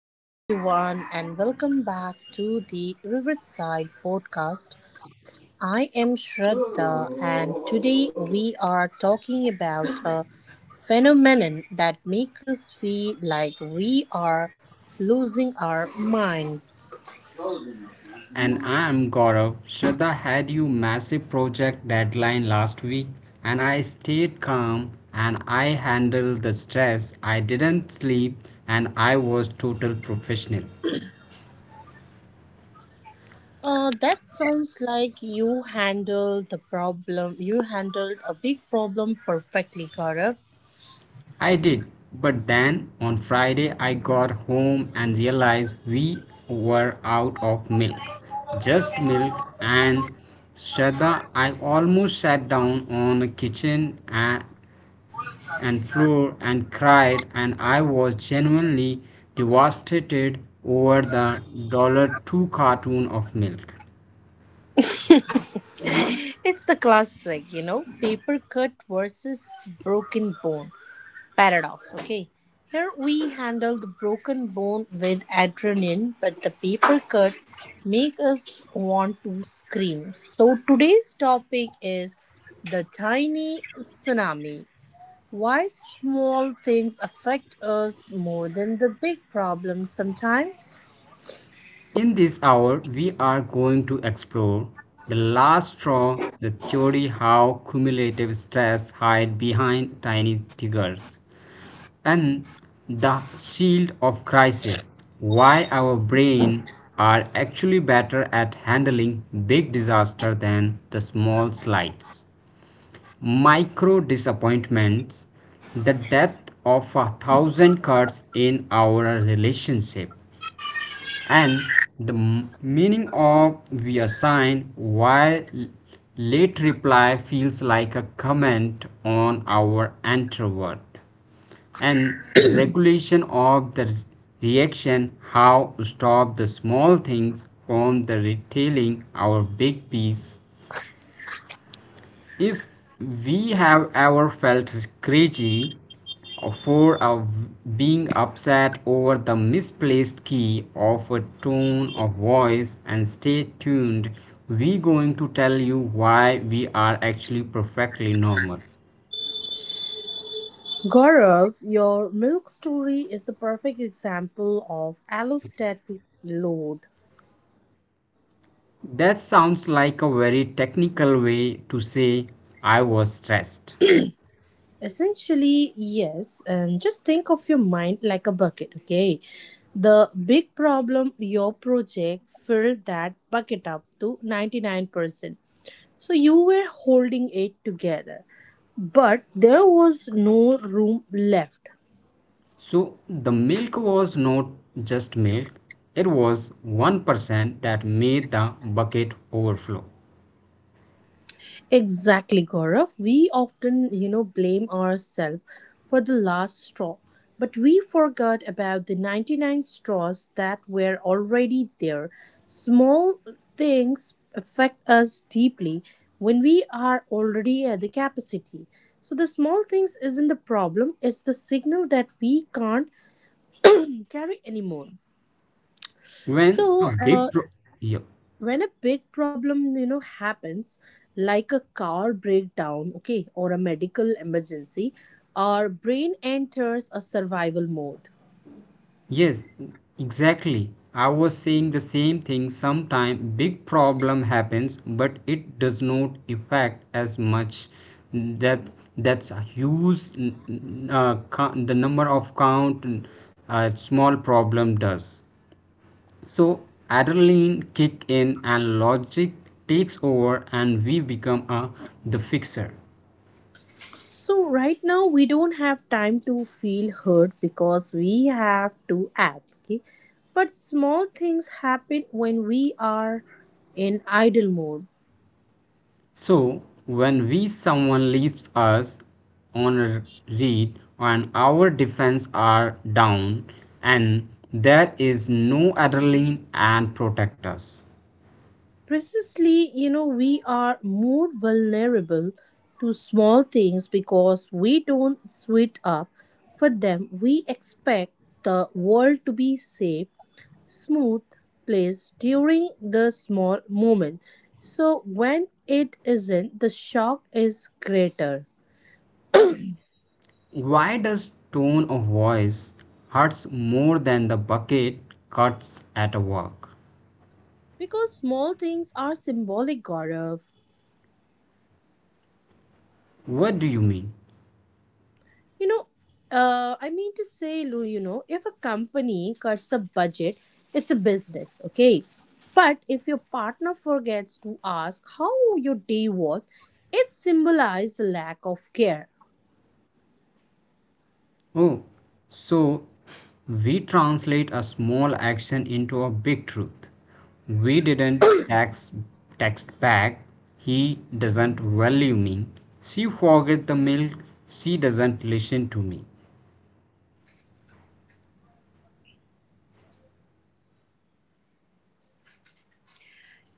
Hello, everyone, and welcome back to the Riverside Podcast. I am Shraddha, and today we are talking about a phenomenon that makes us feel like we are losing our minds. And I'm Gaurav. Shraddha had you massive project deadline last week, and I stayed calm and I handled the stress. I didn't sleep and I was total professional. That sounds like you handled the problem. You handled a big problem perfectly, Gaurav. I did. But then on Friday I got home and realized we were out of milk. Just milk and Shraddha, I almost sat down on the kitchen and floor and cried and I was genuinely devastated over the dollar $2 carton of milk. It's the classic, paper cut versus broken bone paradox. Okay, here we handle the broken bone with adrenaline, but the paper cut make us want to scream. So today's topic is the tiny tsunami. Why small things affect us more than the big problems sometimes? In this hour we are going to explore the last straw, the theory how cumulative stress hides behind tiny triggers and the shield of crisis, why our brain are actually better at handling big disaster than the small slides, micro disappointments, the death of a thousand cuts in our relationship, and the meaning of we assign while late reply feels like a comment on our worth, and the regulation of the reaction, how to stop the small things from the retailing our big piece if we have ever felt crazy for being upset over the misplaced key of a tone of voice, and stay tuned, we going to tell you why we are actually perfectly normal. Gaurav, your milk story is the perfect example of allostatic load. That sounds like a very technical way to say I was stressed. Essentially, yes. And just think of your mind like a bucket, okay? The big problem your project filled that bucket up to 99%. So you were holding it together, but there was no room left. So the milk was not just milk, it was 1% that made the bucket overflow. Exactly, Gaurav. We often, blame ourselves for the last straw, but we forgot about the 99 straws that were already there. Small things affect us deeply when we are already at the capacity. So the small things isn't the problem, it's the signal that we can't carry anymore. When a So, big uh, pro yeah. when a big problem happens, like a car breakdown, okay, or a medical emergency, our brain enters a survival mode. Yes, exactly. I was saying the same thing. Sometime big problem happens, but it does not affect as much. That's a huge. The number of count small problem does. So adrenaline kick in and logic takes over, and we become a the fixer. So right now we don't have time to feel hurt because we have to act, okay, but small things happen when we are in idle mode. So, when we someone leaves us on a read and our defense are down and there is no adrenaline and protect us. Precisely, we are more vulnerable to small things because we don't suit up for them. We expect the world to be safe, smooth place during the small moment. So when it isn't, the shock is greater. Why does tone of voice hurts more than the bucket cuts at a walk? Because small things are symbolic, Gaurav. What do you mean? You know, I mean to say, Lou, if a company cuts a budget, it's a business, okay? But if your partner forgets to ask how your day was, it symbolizes lack of care. Oh, so we translate a small action into a big truth. We didn't text back. He doesn't value me. She forget the milk. She doesn't listen to me.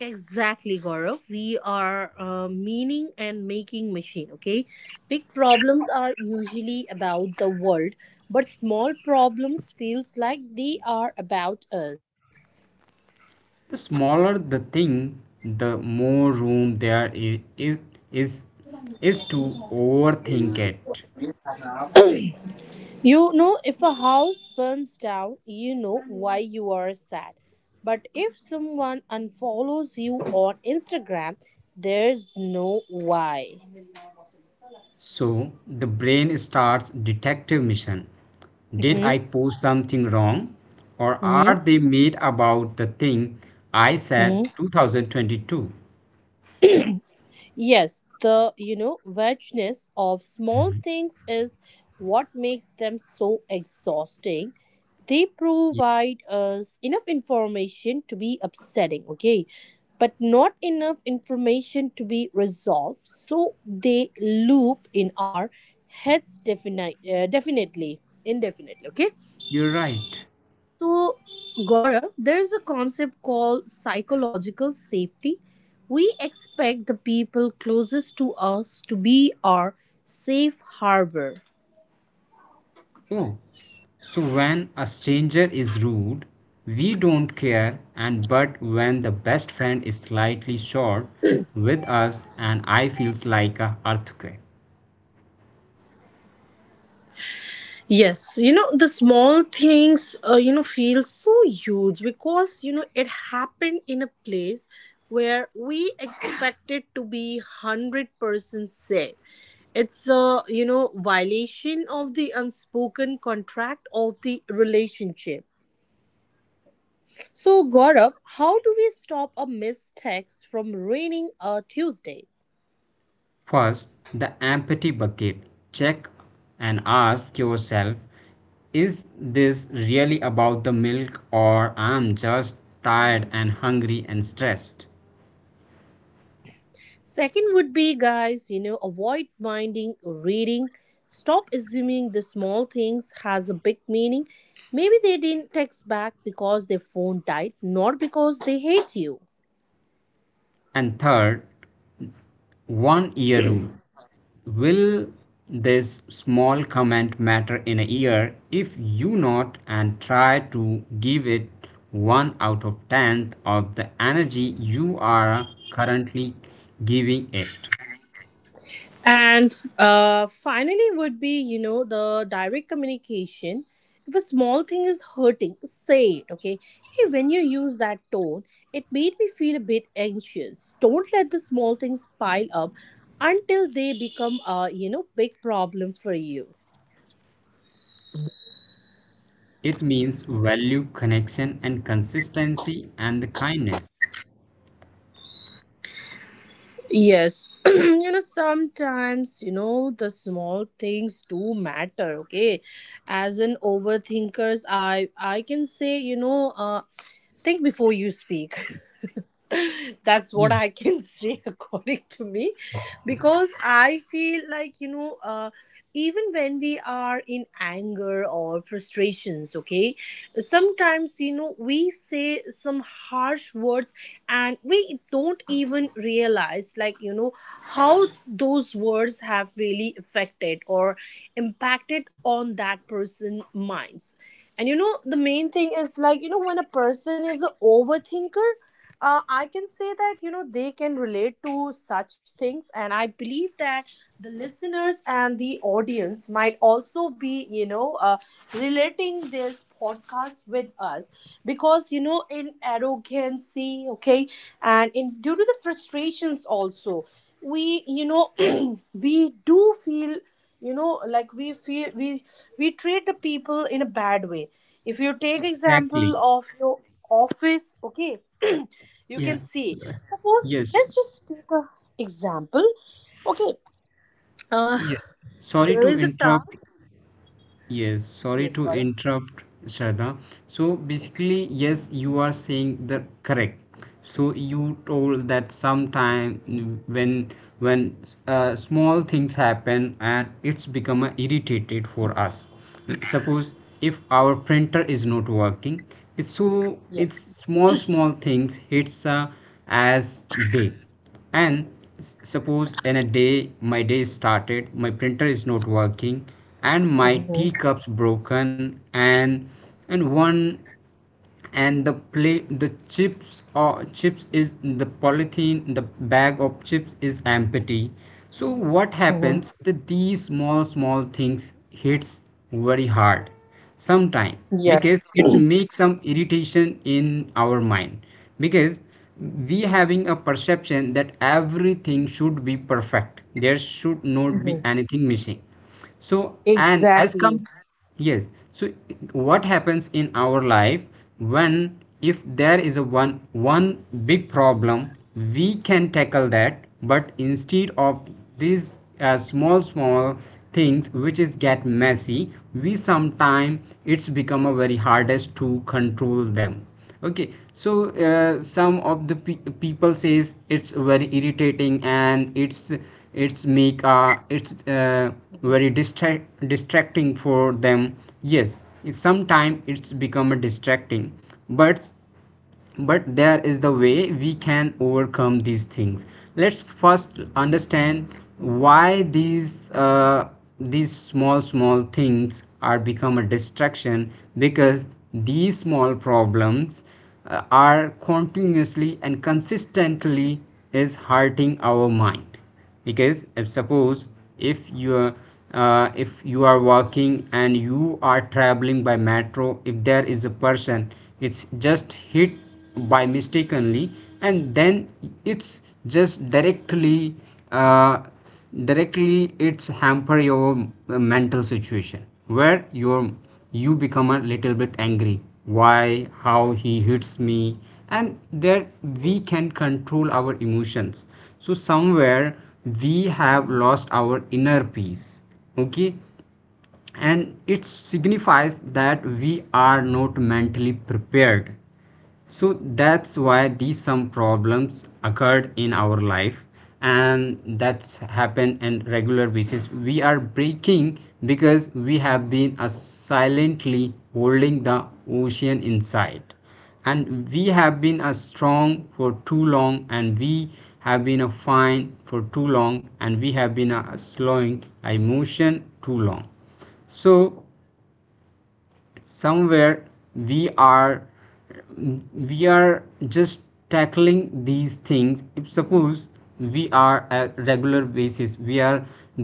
Exactly, Gaurav. We are a meaning and making machine, okay? Big problems are usually about the world, but small problems feels like they are about us. The smaller the thing, the more room there i- is is is to overthink it. You know, if a house burns down, you know why you are sad. But if someone unfollows you on Instagram, there's no why. So the brain starts detective mission. Did Mm-hmm. I post something wrong? Or are Mm-hmm. they mad about the thing I said Mm-hmm. 2022? Yes, the vagueness of small things is what makes them so exhausting. They Yeah, provide us enough information to be upsetting, okay, but not enough information to be resolved. So they loop in our heads definitely, indefinitely, okay. you're right. So, Gaurav, there is a concept called psychological safety. We expect the people closest to us to be our safe harbor. Oh, so when a stranger is rude, we don't care, and but when the best friend is slightly short with us and I feels like a earthquake. Yes, the small things, feel so huge because, it happened in a place where we expected to be 100% safe. It's a, violation of the unspoken contract of the relationship. So, Gaurav, how do we stop a missed text from ruining a Tuesday? First, the empathy bucket. Check and ask yourself, is this really about the milk or I'm just tired and hungry and stressed? Second would be, guys, avoid minding reading. Stop assuming the small things has a big meaning. Maybe they didn't text back because their phone died, not because they hate you. And third, 1-year rule. Will this small comment matter in a year if you not, and try to give it 1 out of tenth of the energy you are currently giving it? And finally, would be the direct communication. If a small thing is hurting, say it. Okay, hey, when you use that tone, it made me feel a bit anxious. Don't let the small things pile up until they become a big problem for you. It means value, connection, and consistency, and the kindness. Yes, sometimes the small things do matter. Okay, as an overthinkers, I can say think before you speak. That's what Yes, I can say according to me, because I feel like even when we are in anger or frustrations, okay, sometimes we say some harsh words, and we don't even realize like how those words have really affected or impacted on that person minds. And the main thing is like when a person is an overthinker, I can say that they can relate to such things, and I believe that the listeners and the audience might also be relating this podcast with us, because in arrogancy, okay, and in due to the frustrations also, we we do feel like we feel we treat the people in a bad way. If you take example exactly. of your office, okay, you Yeah. can see, suppose Yes. let's just take a example, okay, uh Yeah. Sorry there to is a interrupt. task. Yes, sorry Yes, to Gaurav. interrupt, Shraddha. So basically, yes, you are saying the correct. So you told that sometime when when small things happen and it's become a irritated for us. Suppose if our printer is not working, it's Yes. small small things hits as big and suppose in a day my day started, my printer is not working and my Mm-hmm. teacups broken and and one and the play the chips or chips is the polythene, the bag of chips is empty, so what Mm-hmm. happens that these small small things hits very hard sometime Yes. because it makes some irritation in our mind, because we having a perception that everything should be perfect, there should not be Mm-hmm. anything missing. So and as Exactly. come, yes, so what happens in our life, when if there is a one big problem, we can tackle that, but instead of this as small small things which is get messy, we sometime it's become a very hardest to control them. Okay, so some of the people says it's very irritating and it's Mm-hmm. very distract distracting for them. Yes, sometimes it's become a distracting, but but there is the way we can overcome these things. Let's first understand why these small small things are become a distraction, because these small problems are continuously and consistently is hurting our mind. Because if suppose if you are if you are walking and you are traveling by metro, if there is a person, it's just hit by mistakenly, and then it's just uh, directly it's hamper your mental situation, where your you become a little bit angry, why how he hits me, and there we can control our emotions. So somewhere we have lost our inner peace. Okay, and it signifies that we are not mentally prepared. So that's why these some problems occurred in our life, and that's happened in regular basis we are breaking, because we have been silently holding the ocean inside, and we have been a strong for too long, and we have been a fine for too long, and we have been a slowing emotion too long. So somewhere we are we are just tackling these things. If suppose we are a regular basis, we are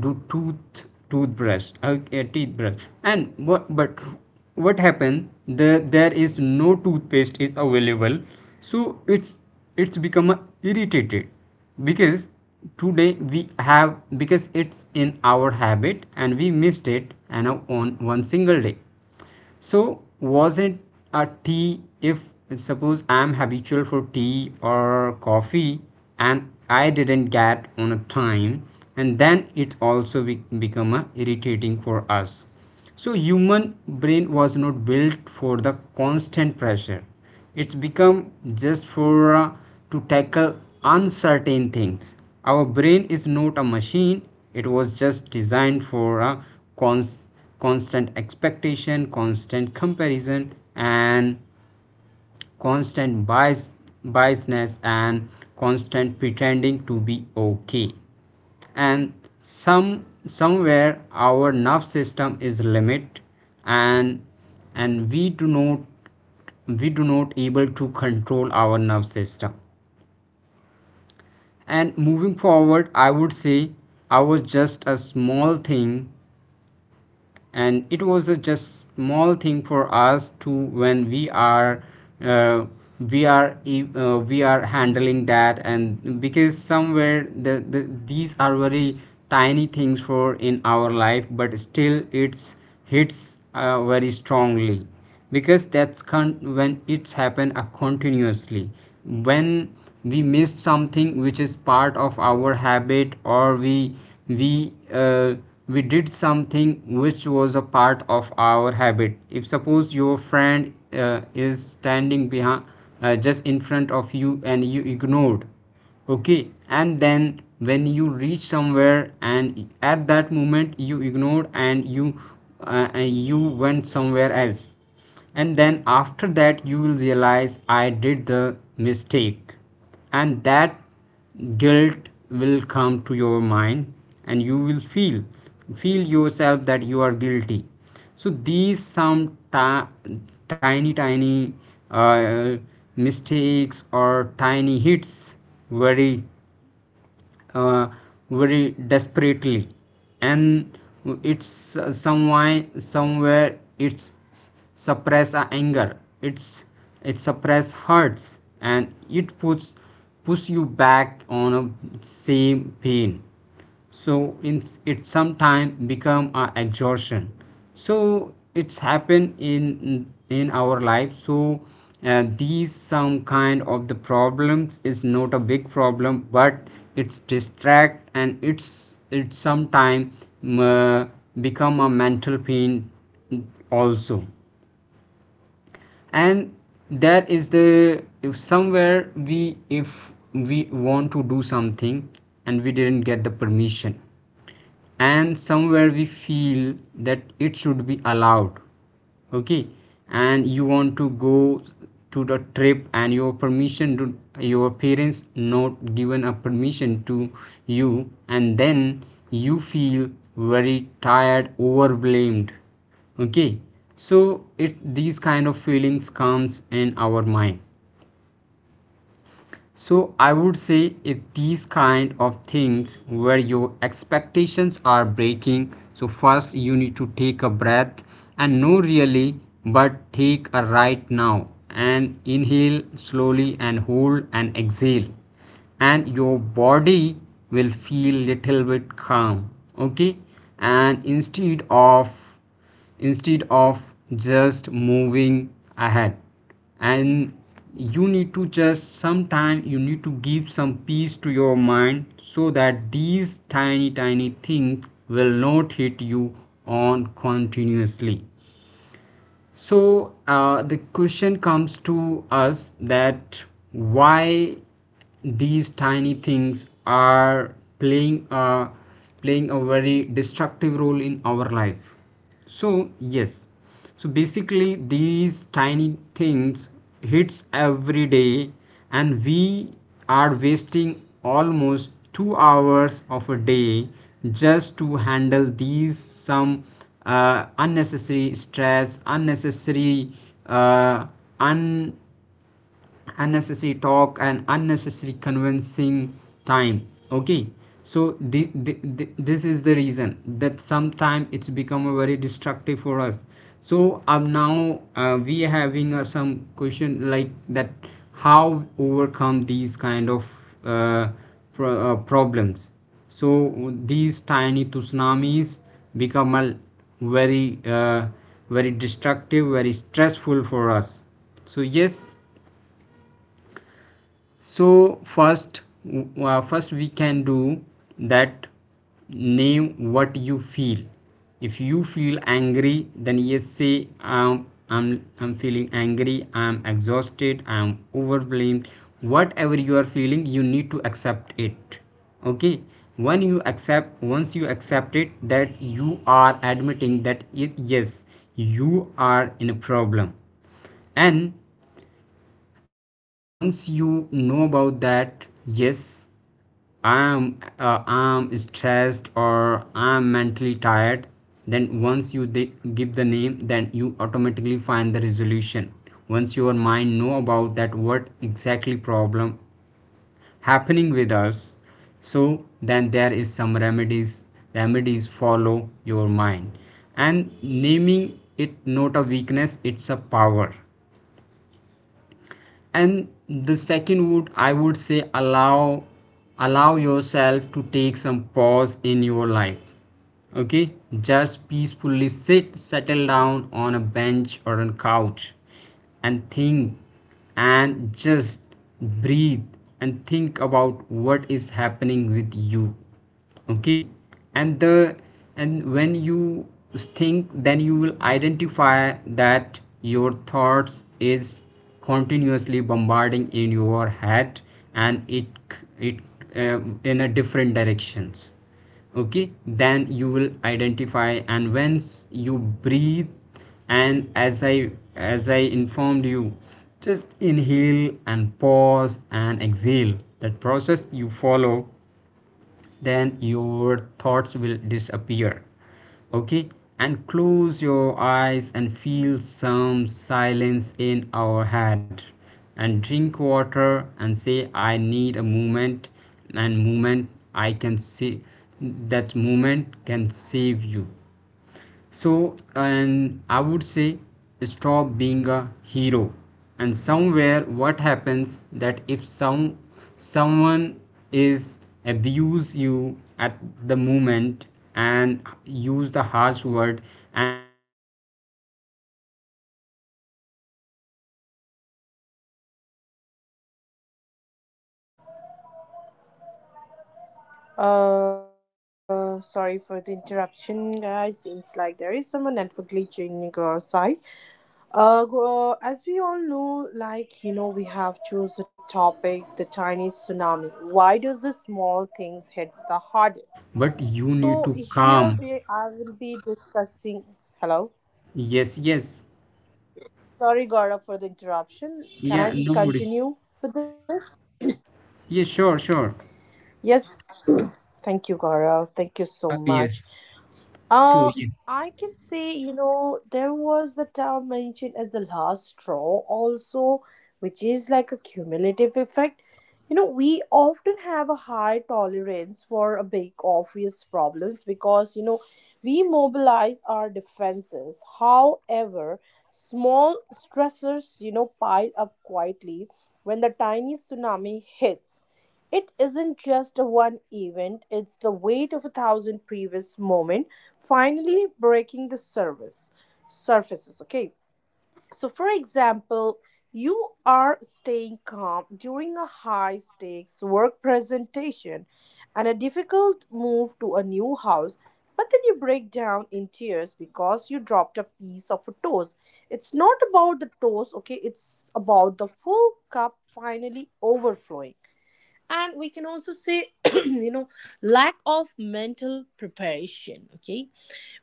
do toothbrush, okay, toothbrush, and what but what happened, the there is no toothpaste is available, so it's it's become irritated, because today we have, because it's in our habit and we missed it and on one single day. So was it a tea, if suppose I'm habitual for tea or coffee and I didn't get on a time, and then it also become a irritating for us. So human brain was not built for the constant pressure, it's become just for to tackle uncertain things. Our brain is not a machine, it was just designed for a cons- constant expectation, constant comparison and constant biasness and constant pretending to be okay. And somewhere our nerve system is limit, and and we do not able to control our nerve system. And moving forward, I would say, I was just a small thing, and it was a just small thing for us to when we are uh, we are handling that. And because somewhere these are very tiny things for in our life, but still it's hits very strongly, because that's when it's happened continuously, when we missed something which is part of our habit or we uh, we did something which was a part of our habit. If suppose your friend is standing behind just in front of you and you ignored, okay, and then when you reach somewhere and at that moment you ignored and you went somewhere else, and then after that you will realize I did the mistake, and that guilt will come to your mind, and you will feel yourself that you are guilty. So these some ti- tiny tiny uh, mistakes or tiny hits very uh, very desperately, and it's somewhere somewhere it's suppress a anger, it's it suppress hurts, and it puts push you back on a same pain. So in, it sometime become a exhaustion. So it's happen in our life. So these some kind of the problems is not a big problem, but it's distract and it's sometime uh, become a mental pain also. And that is the, if somewhere we if we want to do something and we didn't get the permission, and somewhere we feel that it should be allowed, okay, and you want to go to the trip and your permission to your parents not given a permission to you, and then you feel very tired overwhelmed. Okay, so it these kind of feelings comes in our mind. So I would say, if these kind of things where your expectations are breaking, so first you need to take a breath, and no really, but take a right now, and inhale slowly and hold and exhale, and your body will feel little bit calm. Okay, and instead of just moving ahead, and you need to just sometime you need to give some peace to your mind so that these tiny tiny things will not hit you on continuously. So the question comes to us that why these tiny things are playing a playing a very destructive role in our life. So yes, so basically these tiny things hits every day, and we are wasting almost 2 hours of a day just to handle these some unnecessary stress, unnecessary uh, un unnecessary talk and unnecessary convincing time. Okay, so this is the reason that sometimes it's become a very destructive for us. So now we are having some question like that, how overcome these kind of uh, problems, so these tiny tsunamis become a very very destructive, very stressful for us. So yes, so first, first we can do that, name what you feel. If you feel angry then yes say, I'm feeling angry, I'm exhausted, I'm overwhelmed, whatever you are feeling you need to accept it. Okay, when you accept, once you accept it that you are admitting that it, yes you are in a problem, and and once you know about that, yes I'm I'm stressed or I'm mentally tired, then once you give the name, then you automatically find the resolution. Once your mind know about that, what exactly problem happening with us. So then there is some remedies follow your mind. And naming it not a weakness, it's a power. And the second would, I would say, allow yourself to take some pause in your life. Okay, just peacefully sit settle down on a bench or a couch and think, and just breathe and think about what is happening with you. Okay, and the and when you think, then you will identify that your thoughts is continuously bombarding in your head, and it in a different directions. Okay, then you will identify, and once you breathe, and as I informed you, just inhale and pause and exhale, that process you follow, then your thoughts will disappear. Okay, and close your eyes and feel some silence in our head, and drink water and say I need a moment. And moment I can see, that moment can save you. So and I would say, stop being a hero. And somewhere what happens that if someone is abuse you at the moment, and use the harsh word, and we show the anger against the person. Okay, so somewhere it is not the way we channelize the our negative energy. sorry for the We can interruption, just guys, go seems like and there is left some that network moment. glitch in Yes, your side. somewhere we thought that As we all know, that like some we have the choose the another person topic, the is tiny tsunami. threatening you. Why does the Yes, small maybe at things that hits the moment, hardest? but you So need to here calm. we, I will be discussing. Hello, Yes, yes, sorry Gaurav for the interruption. Can yeah I no just worries, continue for this? yeah sure. Yes, thank you Gaurav. Thank you so much. Yes. Uh, So yeah. I can say, there was the term mentioned as the last straw also, which is like a cumulative effect. You know, we often have a high tolerance for a big obvious problems because, we mobilize our defenses. However, small stressors, pile up quietly when the tiny tsunami hits. It isn't just a one event, it's the weight of a thousand previous moments finally breaking the service surfaces, okay. So for example, you are staying calm during a high stakes work presentation and a difficult move to a new house, but then you break down in tears because you dropped a piece of a toast. It's not about the toast, okay, it's about the full cup finally overflowing. And we can also say, you know lack of mental preparation, okay,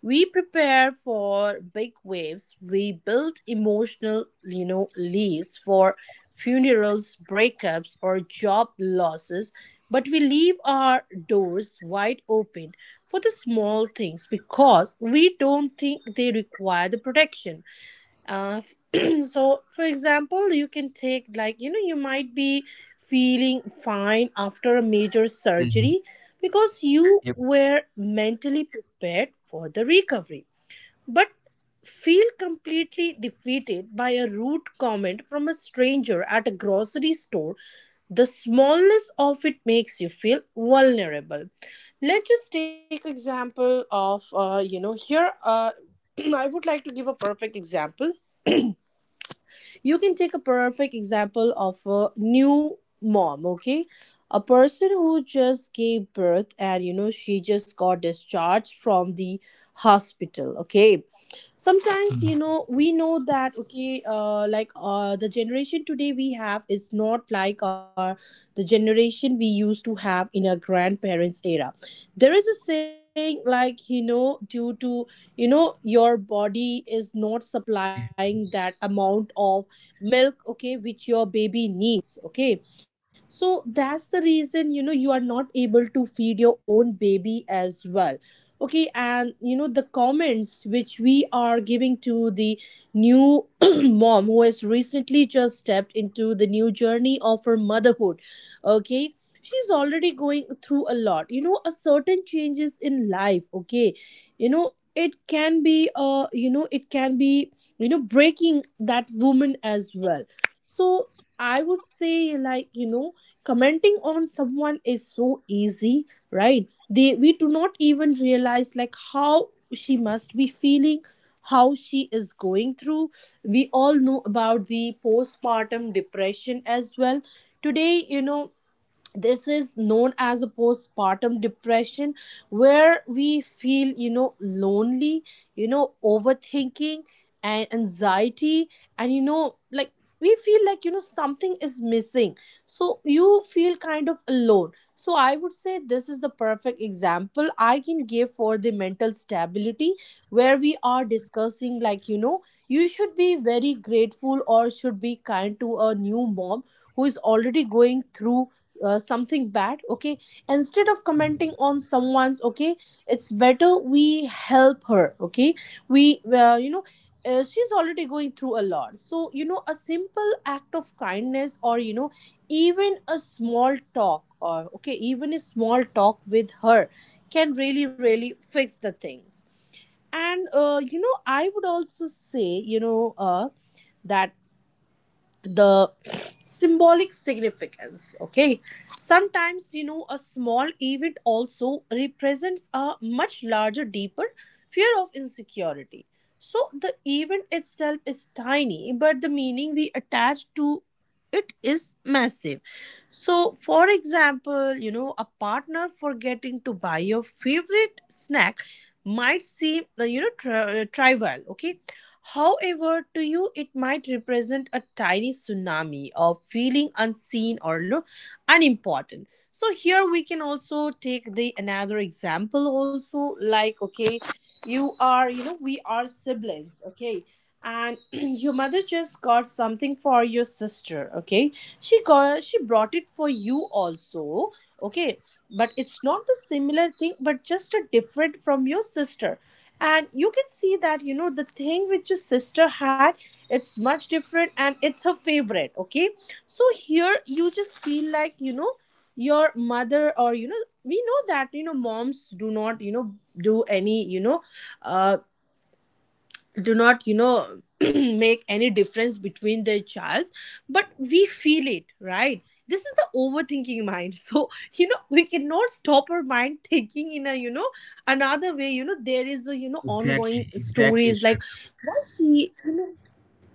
we prepare for big waves, we build emotional leaves for funerals, breakups or job losses, but we leave our doors wide open for the small things because we don't think they require the protection. uh, so for example, you can take like you might be feeling fine after a major Mhm. surgery because you Yep. were mentally prepared for the recovery, but feel completely defeated by a rude comment from a stranger at a grocery store. The smallness of it makes you feel vulnerable. Let's just take example of here, I would like to give a perfect example. You can take a perfect example of a new mom, okay, a person who just gave birth, and she just got discharged from the hospital, okay. Sometimes we know that, okay, like the generation today we have is not like our the generation we used to have in our grandparents era. There is a saying like due to your body is not supplying that amount of milk, okay, which your baby needs, okay. So that's the reason you are not able to feed your own baby as well, okay. And the comments which we are giving to the new mom who has recently just stepped into the new journey of her motherhood, okay, she's already going through a lot, a certain changes in life, okay. It can be it can be breaking that woman as well. So I would say like commenting on someone is so easy, right? They, we do not even realize like how she must be feeling, how she is going through. We all know about the postpartum depression as well. Today this is known as a postpartum depression where we feel lonely, overthinking and anxiety, and like we feel like something is missing. So you feel kind of alone. So I would say this is the perfect example I can give for the mental stability where we are discussing like you should be very grateful or should be kind to a new mom who is already going through something bad, okay. Instead of commenting on someone's, okay, it's better we help her, okay. we you know She's already going through a lot, so a simple act of kindness, or even a small talk, or okay, even a small talk with her can really really fix the things. And I would also say that the symbolic significance, okay, sometimes a small event also represents a much larger deeper fear of insecurity. So the event itself is tiny, but the meaning we attach to it is massive. So for example, a partner forgetting to buy your favorite snack might seem trivial, okay. However, to you, it might represent a tiny tsunami of feeling unseen or unimportant. So here we can also take the another example also, like, okay, you are we are siblings, okay, and your mother just got something for your sister, okay, she brought it for you also, okay, but it's not the similar thing but just a different from your sister, and you can see that the thing which your sister had, it's much different and it's her favorite, okay. So here you just feel like, your mother, or we know that moms do not do any uh, do not make any difference between their child, but we feel it, right? This is the overthinking mind. So we cannot stop our mind thinking in a, another way. There is a, ongoing Exactly, stories, sure. like why she,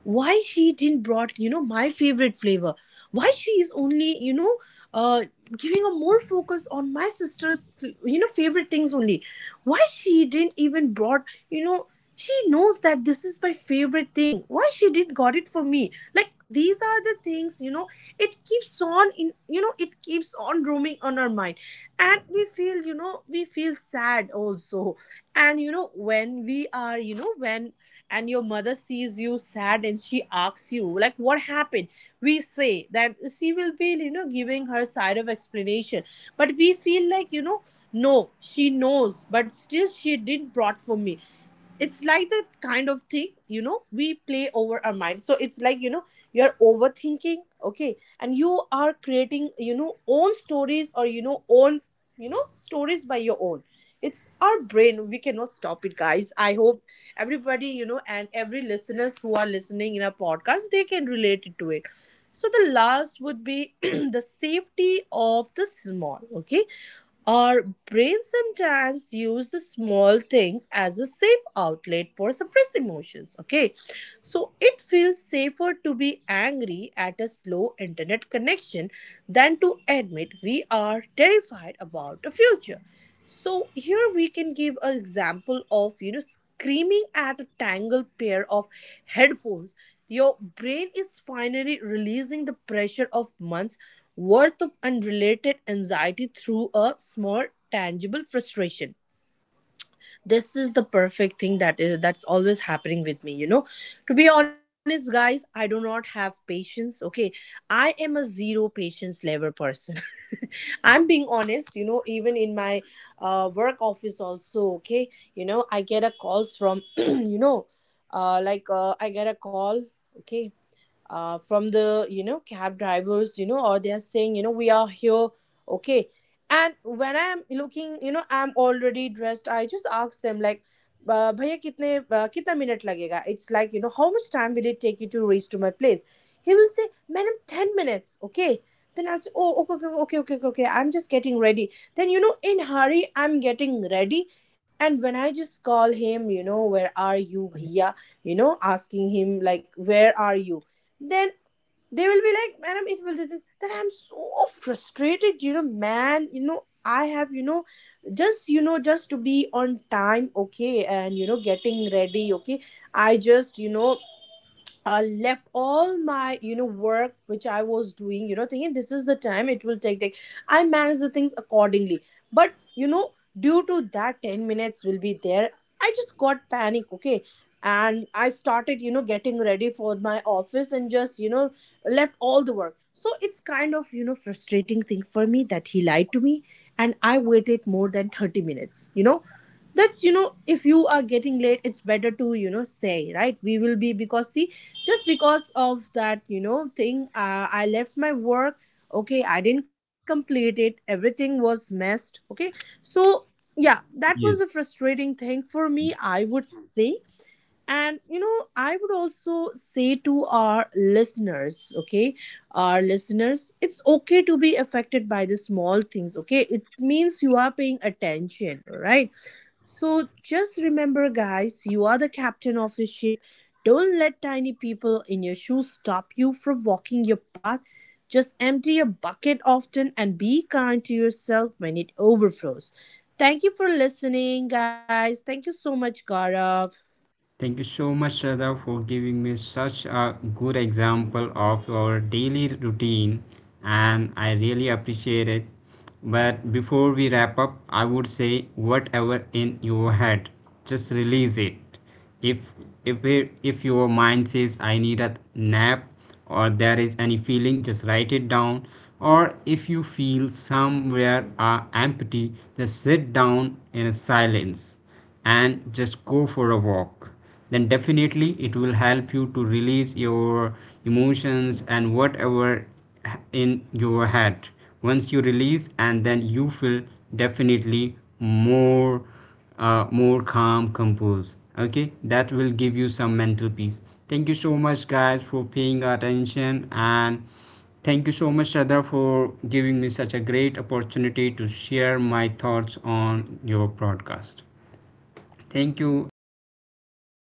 why she didn't brought my favorite flavor, why she is only, uh giving a more focus on my sister's favorite things only, why she didn't even brought, you know she knows that this is my favorite thing, why she did not got it for me. Like, these are the things, it keeps on in, it keeps on roaming on our mind, and we feel, we feel sad also. And you know when we are you know when and your mother sees you sad and she asks you like what happened. We say that she will be, giving her side of explanation, but we feel like, no, she knows but still she didn't brought for me. It's like that kind of thing, we play over our mind. So it's like, you're overthinking, okay, and you are creating own stories, or own, stories by your own. It's our brain, we cannot stop it, guys. I hope everybody, and every listeners who are listening in our podcast, they can relate it to it. So the last would be the safety of the small, okay. Our brain sometimes use the small things as a safe outlet for suppressed emotions. Okay, so it feels safer to be angry at a slow internet connection than to admit we are terrified about the future. So here we can give an example of, screaming at a tangled pair of headphones. Your brain is finally releasing the pressure of months worth of unrelated anxiety through a small tangible frustration. This is the perfect thing that's always happening with me, to be honest, guys. I do not have patience, okay. I am a zero patience level person. I'm being honest, even in my work office also, okay. I get a calls from I get a call, okay, from the, cab drivers, or they're saying, we are here, okay. And when I'm looking, I'm already dressed, I just ask them like, भैया कितने कितना minute लगेगा. It's like, how much time will it take you to reach to my place. He will say, madam, 10 minutes, okay. Then I'll say, oh, okay okay okay okay okay okay, I'm just getting ready. Then, in hurry I'm getting ready, and when I just call him, where are you bhaiya, asking him like where are you. Then they will be like, madam, it will this, that. I'm so frustrated, man, I have, just, just to be on time, okay, and getting ready, okay. I just, left all my, work which I was doing, thinking this is the time it will take. I manage the things accordingly, but due to that 10 minutes will be there, I just got panic, okay. And I started, getting ready for my office and just, left all the work. So it's kind of, frustrating thing for me that he lied to me, and I waited more than 30 minutes, that's, if you are getting late, it's better to, say, right, we will be, because see, just because of that, thing, I left my work, okay, I didn't complete it, everything was messed, okay. So yeah, that was a Yes. frustrating thing for me, I would say. And, I would also say to our listeners, okay, our listeners, it's okay to be affected by the small things, okay, it means you are paying attention. All right. So just remember, guys, you are the captain of your ship. Don't let tiny people in your shoes stop you from walking your path. Just empty your bucket often and be kind to yourself when it overflows. Thank you for listening, guys. Thank you so much, Gaurav. Thank you so much, Shraddha, for giving me such a good example of your daily routine, and I really appreciate it. But before we wrap up, I would say whatever in your head, just release it. If if your mind says I need a nap, or there is any feeling, just write it down. Or if you feel somewhere are empty, just sit down in silence and just go for a walk, then definitely it will help you to release your emotions. And whatever in your head, once you release and then you feel definitely more calm composed. Okay, that will give you some mental peace. Thank you so much guys for paying attention, and thank you so much Shraddha for giving me such a great opportunity to share my thoughts on your broadcast. Thank you. Take Thank care. you so much,